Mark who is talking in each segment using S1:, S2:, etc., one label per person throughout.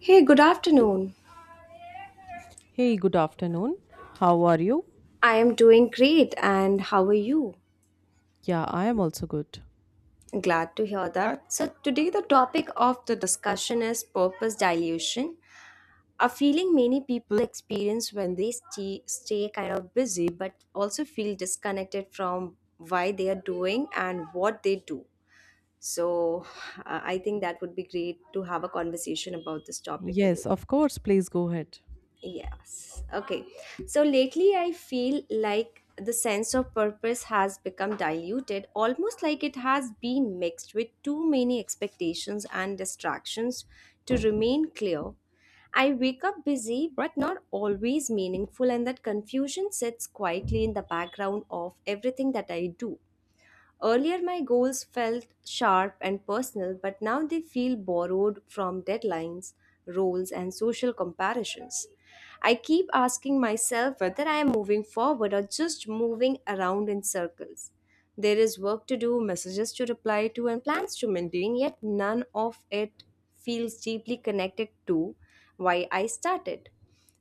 S1: Hey, good afternoon.
S2: Hey, good afternoon. How are you?
S1: I am doing great, and how are you?
S2: Yeah, I am also good.
S1: Glad to hear that. So, today the topic of the discussion is purpose dilution, a feeling many people experience when they stay kind of busy but also feel disconnected from why they are doing and what they do. So, I think that would be great to have a conversation about this topic
S2: Yes,
S1: today.
S2: of course, please go ahead.
S1: Yes. Okay. So lately, I feel like the sense of purpose has become diluted, almost like it has been mixed with too many expectations and distractions to remain clear. I wake up busy, but not always meaningful, and that confusion sits quietly in the background of everything that I do. Earlier, my goals felt sharp and personal, but now they feel borrowed from deadlines, roles, and social comparisons. I keep asking myself whether I am moving forward or just moving around in circles. There is work to do, messages to reply to, and plans to maintain, yet none of it feels deeply connected to why I started.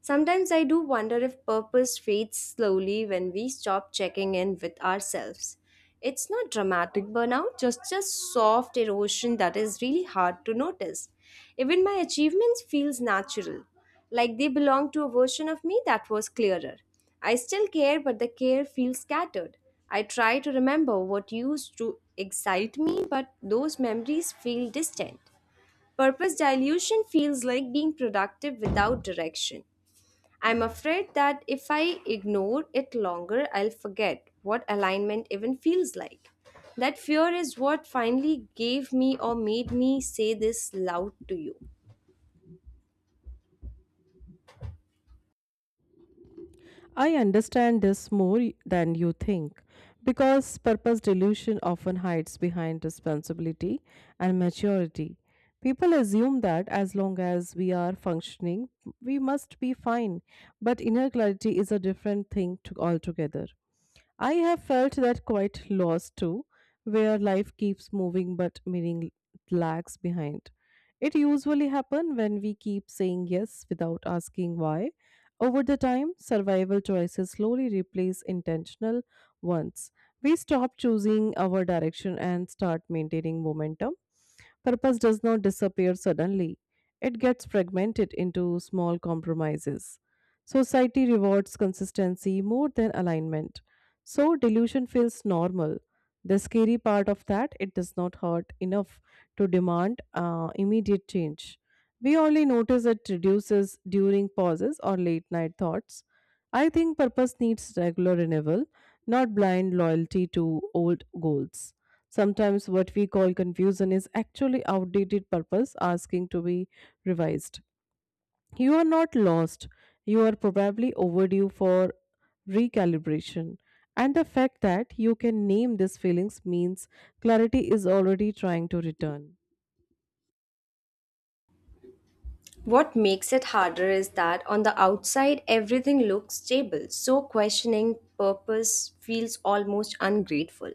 S1: Sometimes I do wonder if purpose fades slowly when we stop checking in with ourselves. It's not dramatic burnout, just soft erosion that is really hard to notice. Even my achievements feels natural, like they belong to a version of me that was clearer. I still care, but the care feels scattered. I try to remember what used to excite me, but those memories feel distant. Purpose dilution feels like being productive without direction. I'm afraid that if I ignore it longer, I'll forget what alignment even feels like. That fear is what finally gave me or made me say this loud to you.
S2: I understand this more y- than you think because purpose delusion often hides behind responsibility and maturity. People assume that as long as we are functioning, we must be fine, but inner clarity is a different thing to altogether. I have felt that quite lost too, where life keeps moving but meaning lags behind. It usually happens when we keep saying yes without asking why. Over the time, survival choices slowly replace intentional ones. We stop choosing our direction and start maintaining momentum. Purpose does not disappear suddenly, it gets fragmented into small compromises. Society rewards consistency more than alignment, so delusion feels normal. The scary part of that, it does not hurt enough to demand immediate change. We only notice it reduces during pauses or late night thoughts. I think purpose needs regular renewal, not blind loyalty to old goals. Sometimes what we call confusion is actually outdated purpose asking to be revised. You are not lost. You are probably overdue for recalibration. And the fact that you can name these feelings means clarity is already trying to return.
S1: What makes it harder is that on the outside, everything looks stable, so questioning purpose feels almost ungrateful.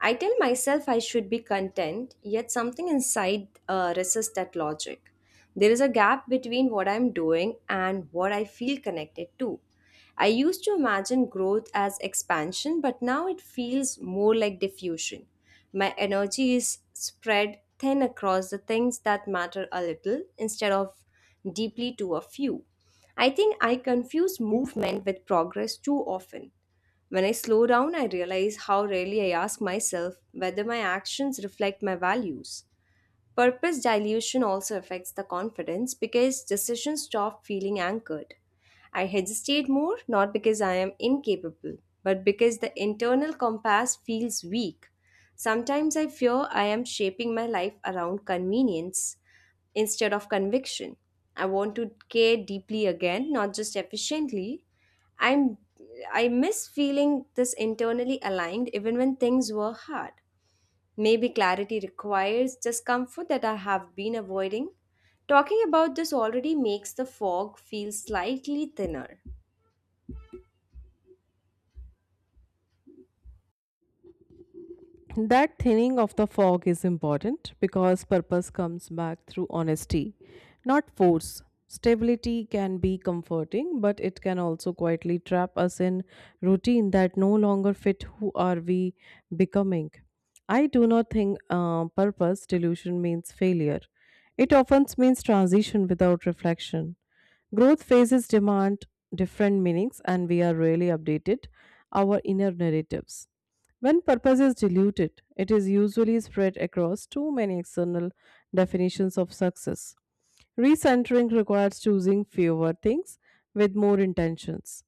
S1: I tell myself I should be content, yet something inside resists that logic. There is a gap between what I'm doing and what I feel connected to. I used to imagine growth as expansion, but now it feels more like diffusion. My energy is spread thin across the things that matter a little instead of deeply to a few. I think I confuse movement with progress too often. When I slow down, I realize how rarely I ask myself whether my actions reflect my values. Purpose dilution also affects the confidence because decisions stop feeling anchored. I hesitate more not because I am incapable, but because the internal compass feels weak. Sometimes I fear I am shaping my life around convenience instead of conviction. I want to care deeply again, not just efficiently. I'm I miss feeling this internally aligned even when things were hard. Maybe clarity requires discomfort that I have been avoiding. Talking about this already makes the fog feel slightly thinner.
S2: That thinning of the fog is important because purpose comes back through honesty, not force. Stability can be comforting, but it can also quietly trap us in routine that no longer fit who are we becoming. I do not think purpose delusion means failure. It often means transition without reflection. Growth phases demand different meanings, and we are really updated our inner narratives. When purpose is diluted, it is usually spread across too many external definitions of success. Recentering requires choosing fewer things with more intentions.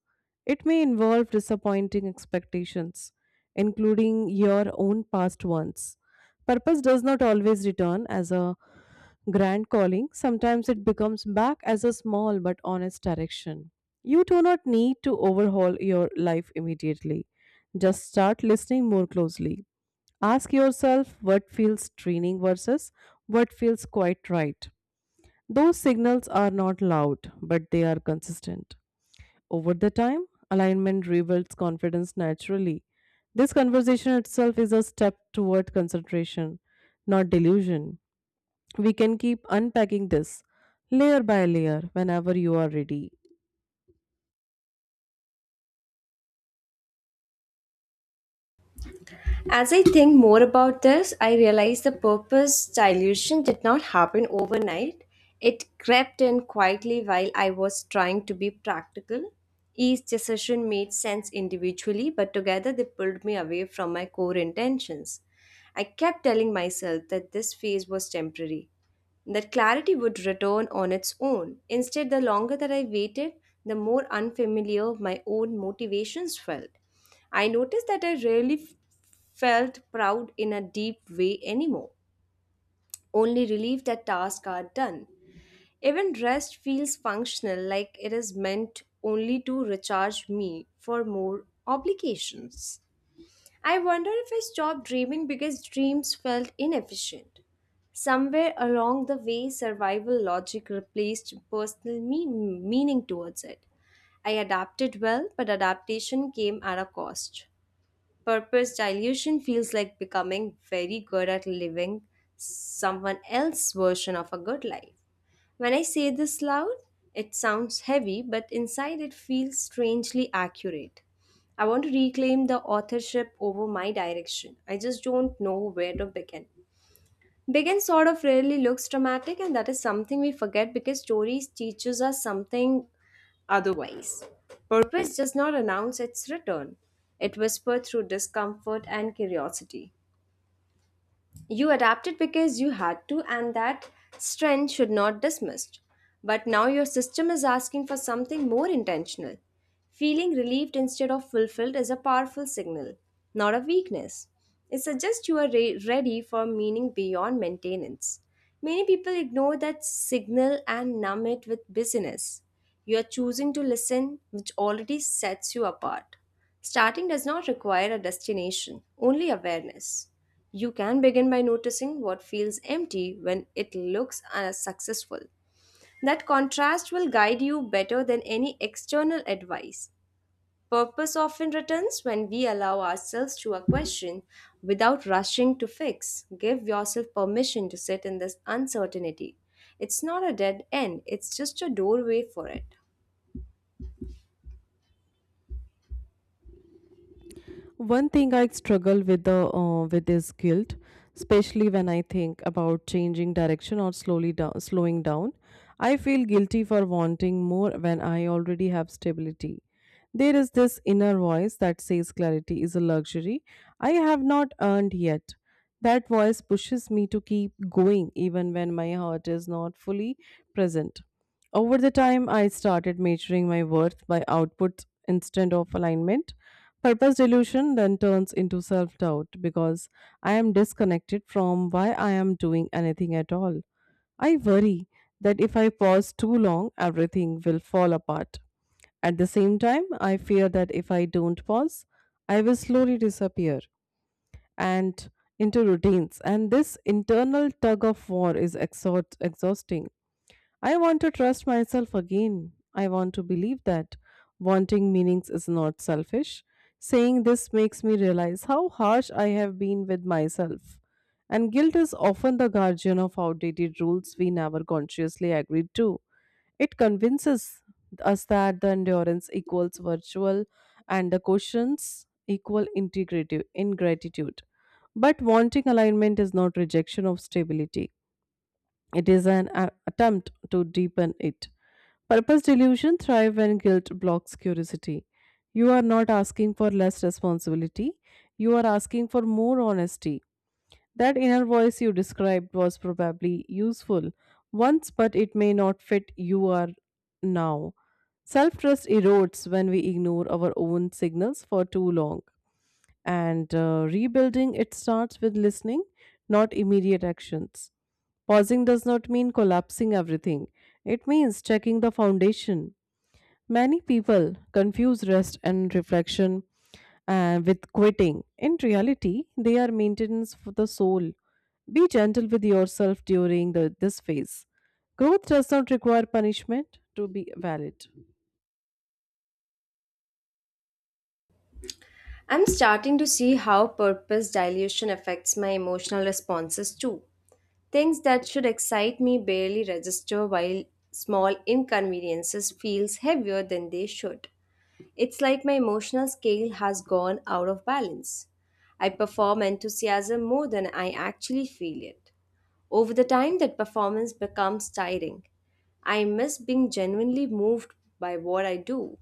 S2: It may involve disappointing expectations, including your own past ones. Purpose does not always return as a Grand calling, sometimes it becomes back as a small but honest direction. You do not need to overhaul your life immediately. Just start listening more closely. Ask yourself what feels training versus what feels quite right. Those signals are not loud, but they are consistent. Over the time, alignment rebuilds confidence naturally. This conversation itself is a step toward concentration, not delusion. We can keep unpacking this layer by layer whenever you are ready.
S1: As I think more about this, I realize the purpose dilution did not happen overnight. It crept in quietly while I was trying to be practical. Each decision made sense individually, but together they pulled me away from my core intentions. I kept telling myself that this phase was temporary, that clarity would return on its own. Instead, the longer that I waited, the more unfamiliar my own motivations felt. I noticed that I felt proud in a deep way anymore, only relieved that tasks are done. Even rest feels functional, like it is meant only to recharge me for more obligations. I wonder if I stopped dreaming because dreams felt inefficient. Somewhere along the way, survival logic replaced meaning towards it. I adapted well, but adaptation came at a cost. Purpose dilution feels like becoming very good at living someone else's version of a good life. When I say this loud, it sounds heavy, but inside it feels strangely accurate. I want to reclaim the authorship over my direction. I just don't know where to begin. Begin sort of rarely looks dramatic, and that is something we forget because stories teaches us something otherwise. Purpose does not announce its return. It whispers through discomfort and curiosity. You adapted because you had to, and that strength should not dismissed. But now your system is asking for something more intentional. Feeling relieved instead of fulfilled is a powerful signal, not a weakness. It suggests you are ready for meaning beyond maintenance. Many people ignore that signal and numb it with busyness. You are choosing to listen, which already sets you apart. Starting does not require a destination, only awareness. You can begin by noticing what feels empty when it looks successful. That contrast will guide you better than any external advice. Purpose often returns when we allow ourselves to a question without rushing to fix. Give yourself permission to sit in this uncertainty. It's not a dead end, it's just a doorway for it.
S2: One thing I struggle with the with is guilt, especially when I think about changing direction or slowly down, slowing down. I feel guilty for wanting more when I already have stability. There is this inner voice that says clarity is a luxury I have not earned yet. That voice pushes me to keep going even when my heart is not fully present. Over the time, I started measuring my worth by output instead of alignment. Purpose delusion then turns into self doubt because I am disconnected from why I am doing anything at all. I worry that if I pause too long, everything will fall apart. At the same time, I fear that if I don't pause, I will slowly disappear and into routines. And this internal tug of war is exhausting. I want to trust myself again. I want to believe that wanting meanings is not selfish. Saying this makes me realize how harsh I have been with myself. And guilt is often the guardian of outdated rules we never consciously agreed to. It convinces us that the endurance equals virtual and the questions equal integrative ingratitude. But wanting alignment is not rejection of stability. It is attempt to deepen it. Purpose delusion thrive when guilt blocks curiosity. You are not asking for less responsibility, you are asking for more honesty. That inner voice you described was probably useful once, but it may not fit you are now. Self trust erodes when we ignore our own signals for too long, and rebuilding it starts with listening, not immediate actions. Pausing does not mean collapsing everything, it means checking the foundation. Many people confuse rest and reflection with quitting. In reality, they are maintenance for the soul. Be gentle with yourself during this phase. Growth does not require punishment to be valid.
S1: I'm starting to see how purpose dilution affects my emotional responses too. Things that should excite me barely register while small inconveniences feels heavier than they should. It's like my emotional scale has gone out of balance. I perform enthusiasm more than I actually feel it. Over the time that performance becomes tiring. I miss being genuinely moved by what I do.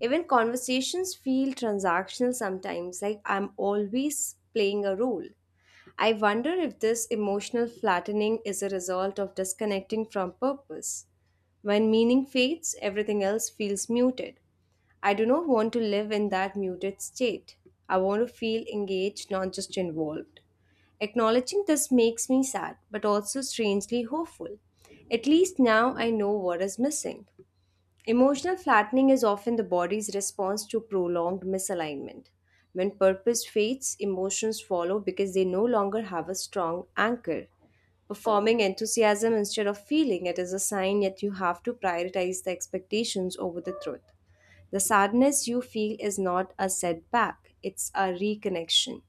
S1: Even conversations feel transactional sometimes, like I'm always playing a role. I wonder if this emotional flattening is a result of disconnecting from purpose. When meaning fades, everything else feels muted. I do not want to live in that muted state. I want to feel engaged, not just involved. Acknowledging this makes me sad, but also strangely hopeful. At least now I know what is missing. Emotional flattening is often the body's response to prolonged misalignment. When purpose fades, emotions follow because they no longer have a strong anchor. Performing enthusiasm instead of feeling it is a sign that you have to prioritize the expectations over the truth. The sadness you feel is not a setback, it's a reconnection.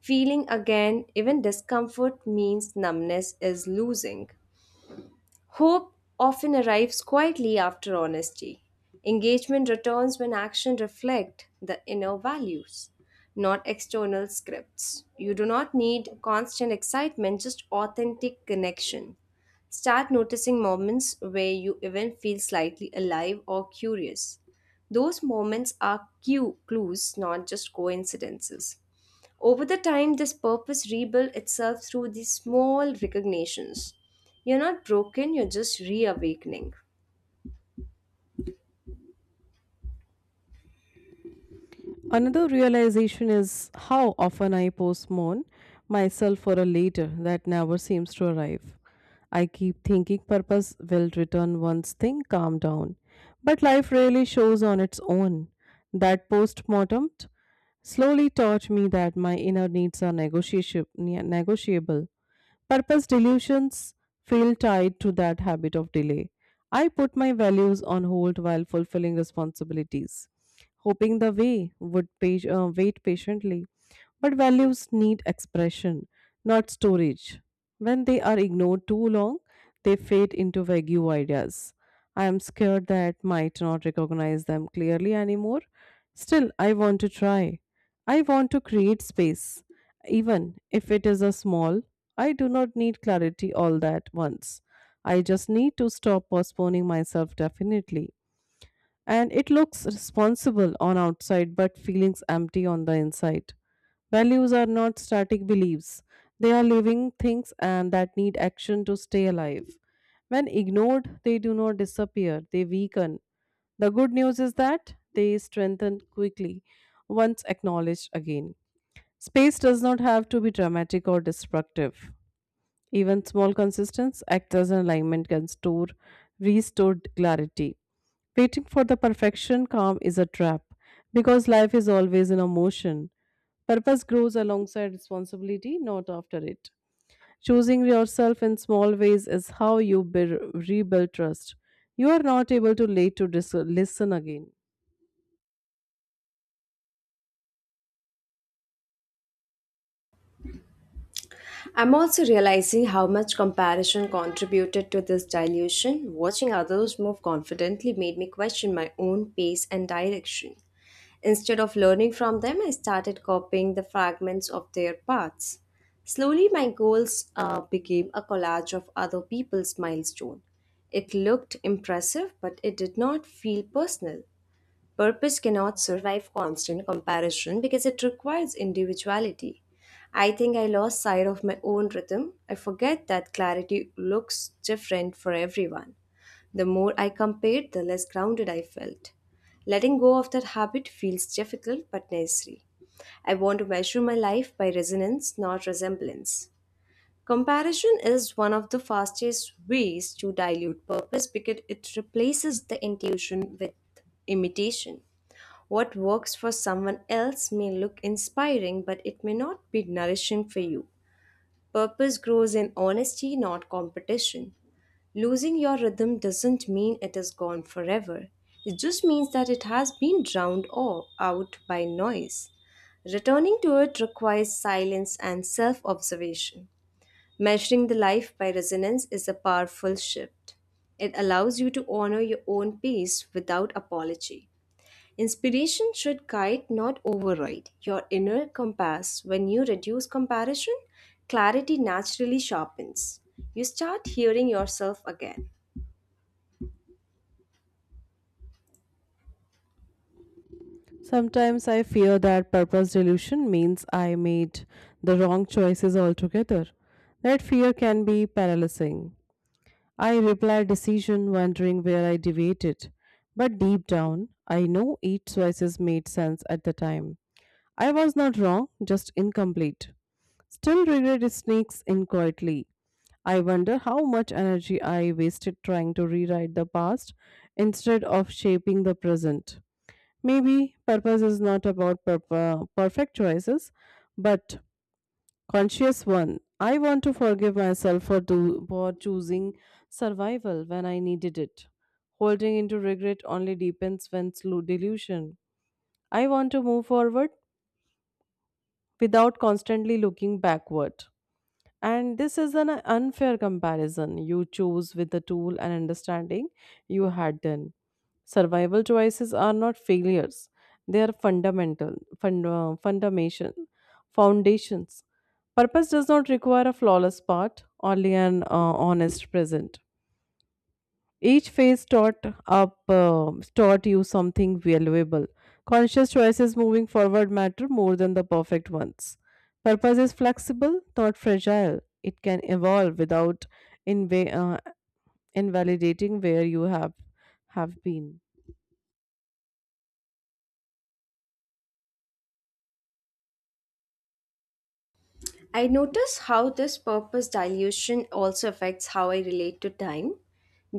S1: Feeling again, even discomfort means numbness is losing. Hope often arrives quietly after honesty. Engagement returns when action reflects the inner values, not external scripts. You do not need constant excitement, just authentic connection. Start noticing moments where you even feel slightly alive or curious. Those moments are cue clues, not just coincidences. Over the time, this purpose rebuilt itself through these small recognitions. You're not broken, you're just reawakening.
S2: Another realization is how often I postpone myself for a later that never seems to arrive. I keep thinking purpose will return once things calm down, but life rarely shows on its own. That postmortem slowly taught me that my inner needs are negotiable. Purpose delusions feel tied to that habit of delay. I put my values on hold while fulfilling responsibilities, hoping the way would wait patiently. But values need expression, not storage. When they are ignored too long, they fade into vague ideas. I am scared that might not recognize them clearly anymore. Still, I want to try. I want to create space, even if it is a small. I do not need clarity all that once. I just need to stop postponing myself definitely. And it looks responsible on outside but feelings empty on the inside. Values are not static beliefs. They are living things and that need action to stay alive. When ignored, they do not disappear, they weaken. The good news is that they strengthen quickly once acknowledged again. Space does not have to be dramatic or destructive. Even small consistencies act as an alignment can store restored clarity. Waiting for the perfection calm is a trap because life is always in a motion. Purpose grows alongside responsibility, not after it. Choosing yourself in small ways is how you rebuild trust. You are not able to late to dis- listen again.
S1: I'm also realizing how much comparison contributed to this dilution. Watching others move confidently made me question my own pace and direction. Instead of learning from them, I started copying the fragments of their paths. Slowly, my goals became a collage of other people's milestones. It looked impressive, but it did not feel personal. Purpose cannot survive constant comparison because it requires individuality. I think I lost sight of my own rhythm. I forget that clarity looks different for everyone. The more I compared, the less grounded I felt. Letting go of that habit feels difficult but necessary. I want to measure my life by resonance, not resemblance. Comparison is one of the fastest ways to dilute purpose because it replaces the intuition with imitation. What works for someone else may look inspiring, but it may not be nourishing for you. Purpose grows in honesty, not competition. Losing your rhythm doesn't mean it is gone forever. It just means that it has been out by noise. Returning to it requires silence and self observation. Measuring the life by resonance is a powerful shift. It allows you to honor your own pace without apology. Inspiration should guide, not override, your inner compass. When you reduce comparison, clarity naturally sharpens. You start hearing yourself again.
S2: Sometimes I fear that purpose delusion means I made the wrong choices altogether. That fear can be paralyzing. I reply decision, wondering where I debated. But deep down, I know each choices made sense at the time. I was not wrong, just incomplete. Still, regret sneaks in quietly. I wonder how much energy I wasted trying to rewrite the past instead of shaping the present. Maybe purpose is not about perfect choices, but conscious one. I want to forgive myself for, for choosing survival when I needed it. Holding into regret only deepens when slow delusion. I want to move forward without constantly looking backward. And this is an unfair comparison you choose with the tool and understanding you had done. Survival choices are not failures, they are fundamation, foundations. Purpose does not require a flawless part, only an honest present. Each phase taught you something valuable. Conscious choices moving forward matter more than the perfect ones. Purpose is flexible, not fragile. It can evolve without inva- uh, invalidating where you have been.
S1: I notice how this purpose dilution also affects how I relate to time.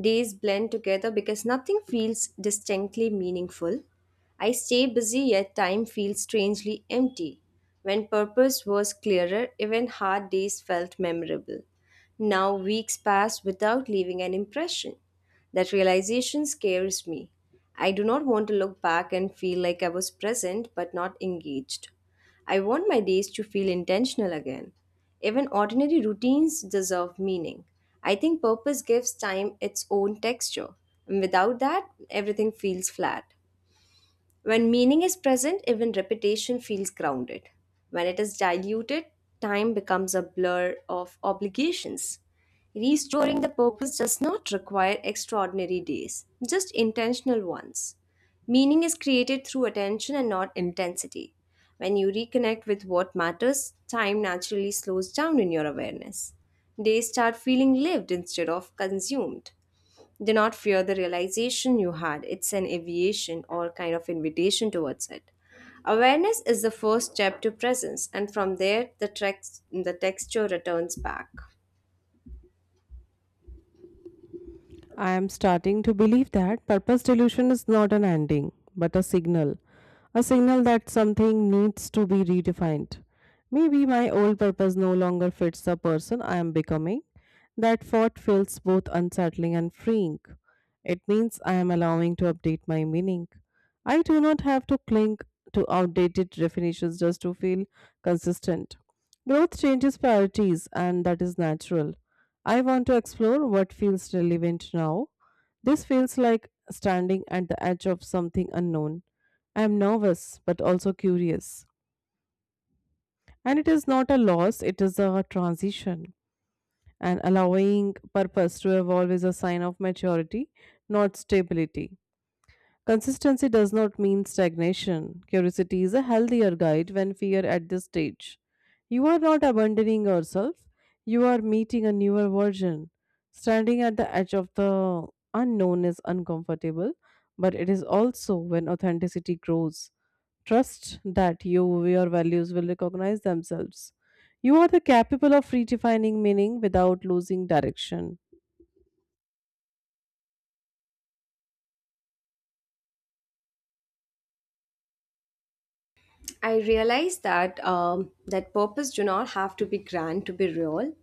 S1: Days blend together because nothing feels distinctly meaningful. I stay busy, yet time feels strangely empty. When purpose was clearer, even hard days felt memorable. Now weeks pass without leaving an impression. That realization scares me. I do not want to look back and feel like I was present but not engaged. I want my days to feel intentional again. Even ordinary routines deserve meaning. I think purpose gives time its own texture, and without that, everything feels flat. When meaning is present, even repetition feels grounded. When it is diluted, time becomes a blur of obligations. Restoring the purpose does not require extraordinary days, just intentional ones. Meaning is created through attention and not intensity. When you reconnect with what matters, time naturally slows down in your awareness. Days start feeling lived instead of consumed. Do not fear the realization you had. It's an aviation or kind of invitation towards it. Awareness is the first step to presence, and from there, the texture returns back.
S2: I am starting to believe that purpose delusion is not an ending, but a signal. A signal that something needs to be redefined. Maybe my old purpose no longer fits the person I am becoming. That thought feels both unsettling and freeing. It means I am allowing to update my meaning. I do not have to cling to outdated definitions just to feel consistent. Growth changes priorities, and that is natural. I want to explore what feels relevant now. This feels like standing at the edge of something unknown. I am nervous but also curious. And it is not a loss, it is a transition. And allowing purpose to evolve is a sign of maturity, not stability. Consistency does not mean stagnation. Curiosity is a healthier guide when fear at this stage. You are not abandoning yourself, you are meeting a newer version. Standing at the edge of the unknown is uncomfortable, but it is also when authenticity grows. Trust that your values will recognize themselves. You are the capable of redefining meaning without losing direction.
S1: I realized that purpose do not have to be grand to be real.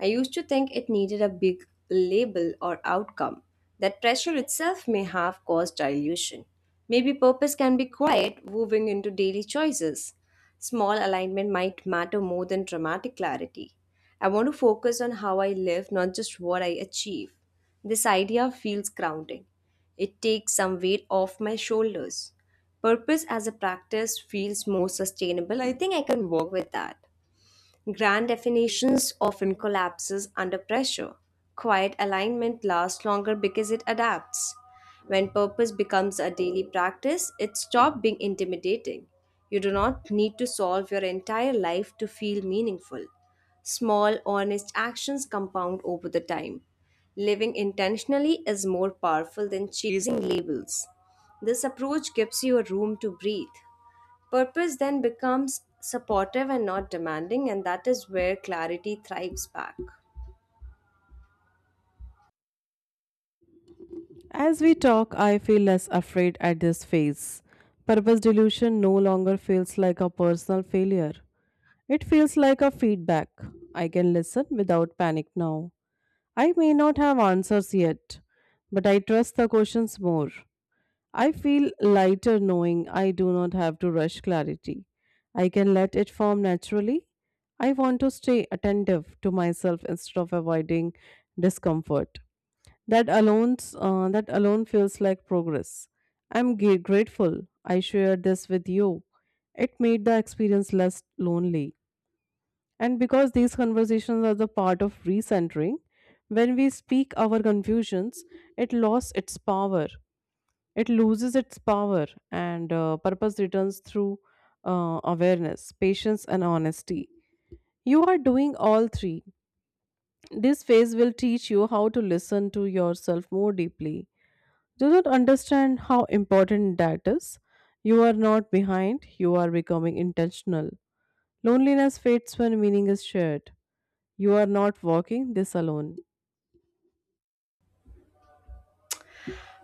S1: I used to think it needed a big label or outcome. That pressure itself may have caused dilution. Maybe purpose can be quiet, moving into daily choices. Small alignment might matter more than dramatic clarity. I want to focus on how I live, not just what I achieve. This idea feels grounding. It takes some weight off my shoulders. Purpose as a practice feels more sustainable. I think I can work with that. Grand definitions often collapses under pressure. Quiet alignment lasts longer because it adapts. When purpose becomes a daily practice, it stops being intimidating. You do not need to solve your entire life to feel meaningful. Small, honest actions compound over the time. Living intentionally is more powerful than chasing labels. This approach gives you a room to breathe. Purpose then becomes supportive and not demanding, and that is where clarity thrives back.
S2: As we talk, I feel less afraid at this phase. Purpose delusion no longer feels like a personal failure. It feels like a feedback. I can listen without panic now. I may not have answers yet, but I trust the questions more. I feel lighter knowing I do not have to rush clarity. I can let it form naturally. I want to stay attentive to myself instead of avoiding discomfort. That alone feels like progress. I'm grateful I shared this with you. It made the experience less lonely. And because these conversations are the part of recentering, when we speak our confusions, it lost its power. It loses its power, and purpose returns through awareness, patience, and honesty. You are doing all three. This phase will teach you how to listen to yourself more deeply. Do not understand how important that is. You are not behind, you are becoming intentional. Loneliness fades when meaning is shared. You are not walking this alone.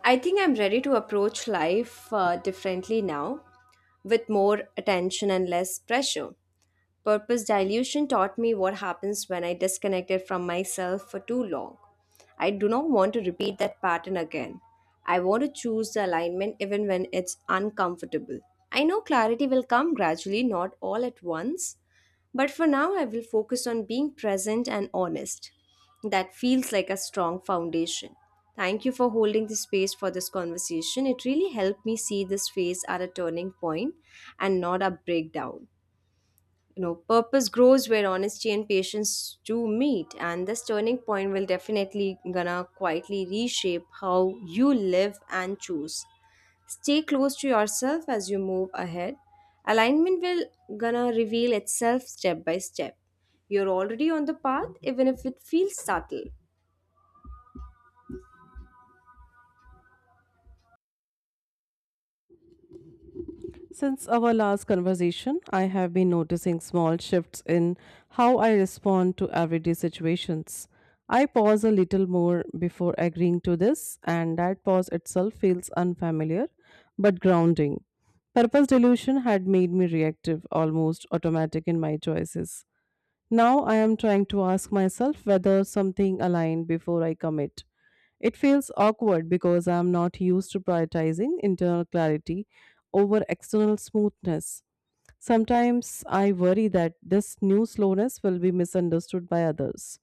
S1: I think I'm ready to approach life differently now, with more attention and less pressure. Purpose dilution taught me what happens when I disconnected from myself for too long. I do not want to repeat that pattern again. I want to choose the alignment even when it's uncomfortable. I know clarity will come gradually, not all at once, but for now I will focus on being present and honest. That feels like a strong foundation. Thank you for holding the space for this conversation. It really helped me see this phase at a turning point and not a breakdown. You know, purpose grows where honesty and patience do meet, and this turning point will definitely gonna quietly reshape how you live and choose. Stay close to yourself as you move ahead. Alignment will gonna reveal itself step by step. You're already on the path even if it feels subtle.
S2: Since our last conversation, I have been noticing small shifts in how I respond to everyday situations. I pause a little more before agreeing to this, and that pause itself feels unfamiliar but grounding. Purpose delusion had made me reactive, almost automatic in my choices. Now I am trying to ask myself whether something aligned before I commit. It feels awkward because I'm not used to prioritizing internal clarity over external smoothness. Sometimes I worry that this new slowness will be misunderstood by others.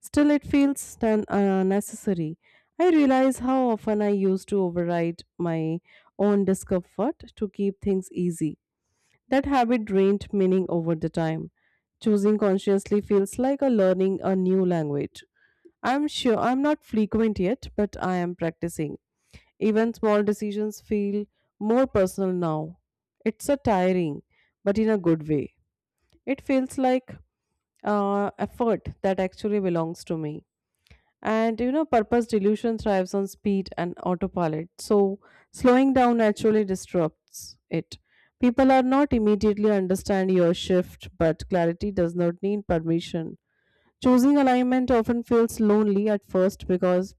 S2: Still, it feels necessary. I realize how often I used to override my own discomfort to keep things easy. That habit drained meaning over the time. Choosing consciously feels like a learning a new language. I'm sure I'm not frequent yet, but I am practicing. Even small decisions feel more personal now. It's a tiring, but in a good way. It feels like effort that actually belongs to me. And you know, purpose delusion thrives on speed and autopilot, so slowing down naturally disrupts it. People are not immediately understand your shift, but clarity does not need permission. Choosing alignment often feels lonely at first because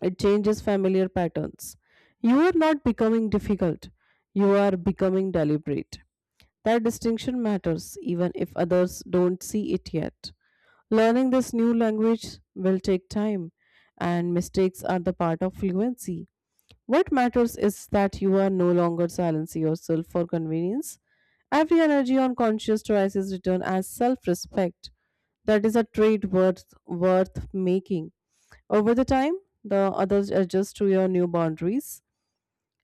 S2: it changes familiar patterns. You are not becoming difficult, you are becoming deliberate. That distinction matters even if others don't see it yet. Learning this new language will take time, and mistakes are the part of fluency. What matters is that you are no longer silencing yourself for convenience. Every energy on conscious choice is returned as self respect. That is a worth making. Over the time, the others adjust to your new boundaries,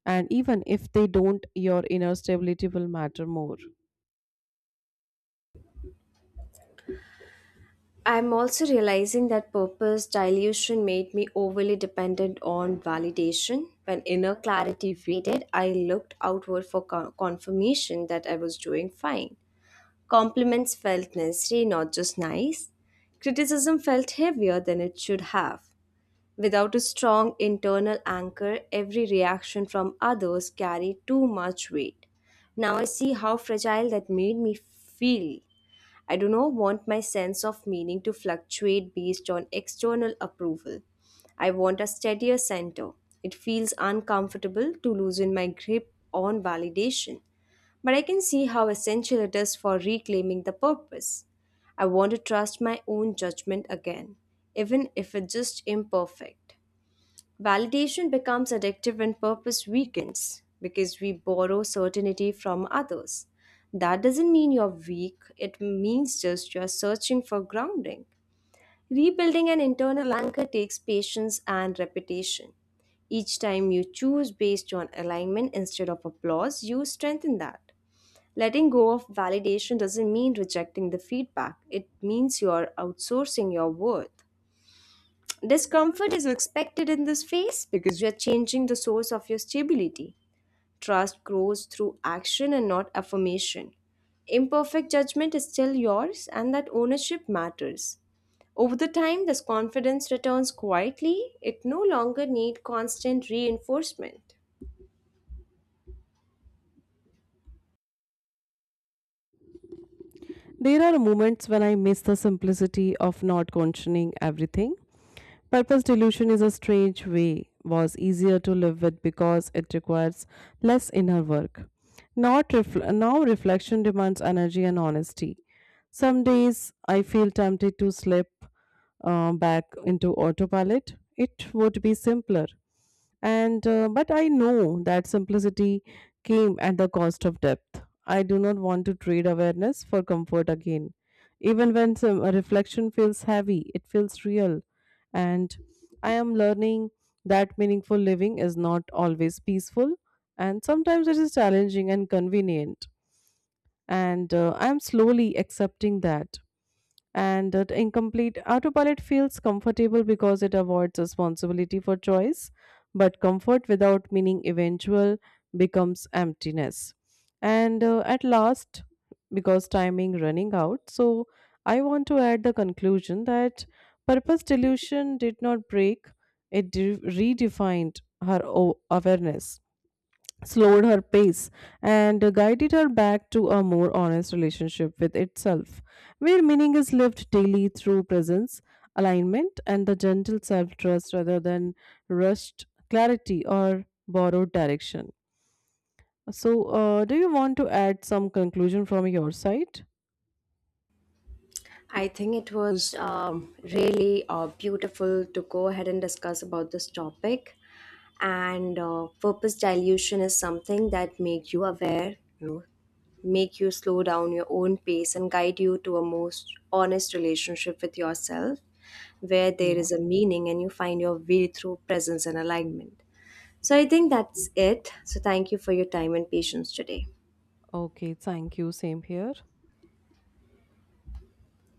S2: and even if they don't, your inner stability will matter more.
S1: I'm also realizing that purpose dilution made me overly dependent on validation. When inner clarity faded, I looked outward for confirmation that I was doing fine. Compliments felt necessary, not just nice. Criticism felt heavier than it should have. Without a strong internal anchor, every reaction from others carried too much weight. Now I see how fragile that made me feel. I do not want my sense of meaning to fluctuate based on external approval. I want a steadier center. It feels uncomfortable to loosen my grip on validation, but I can see how essential it is for reclaiming the purpose. I want to trust my own judgment again, even if it's just imperfect. Validation becomes addictive when purpose weakens because we borrow certainty from others. That doesn't mean you're weak, it means just you're searching for grounding. Rebuilding an internal anchor takes patience and repetition. Each time you choose based on alignment instead of applause, you strengthen that. Letting go of validation doesn't mean rejecting the feedback, it means you're outsourcing your worth. Discomfort is expected in this phase because you are changing the source of your stability. Trust grows through action and not affirmation. Imperfect judgment is still yours, and that ownership matters. Over the time, this confidence returns quietly. It no longer needs constant reinforcement.
S2: There are moments when I miss the simplicity of not questioning everything. Purpose delusion is a strange way, was easier to live with because it requires less inner work. Not refl- now, reflection demands energy and honesty. Some days I feel tempted to slip back into autopilot. It would be simpler and but I know that simplicity came at the cost of depth. I do not want to trade awareness for comfort again, even when some a reflection feels heavy it feels real. And I am learning that meaningful living is not always peaceful, and sometimes it is challenging and convenient. And I am slowly accepting that, and that incomplete autopilot feels comfortable because it avoids responsibility for choice, but comfort without meaning eventual becomes emptiness. And At last, because timing running out, so I want to add the conclusion that purpose delusion did not break, it redefined her awareness, slowed her pace, and guided her back to a more honest relationship with itself, where meaning is lived daily through presence, alignment, and the gentle self trust rather than rushed clarity or borrowed direction. So, do you want to add some conclusion from your side?
S1: I think it was really beautiful to go ahead and discuss about this topic. And purpose dilution is something that make you aware, you know, make you slow down your own pace and guide you to a most honest relationship with yourself, where there
S2: Yeah.
S1: is a meaning and you find your way through presence and alignment. So I think that's it. So thank you for your time and patience today.
S2: Okay, thank you. Same here.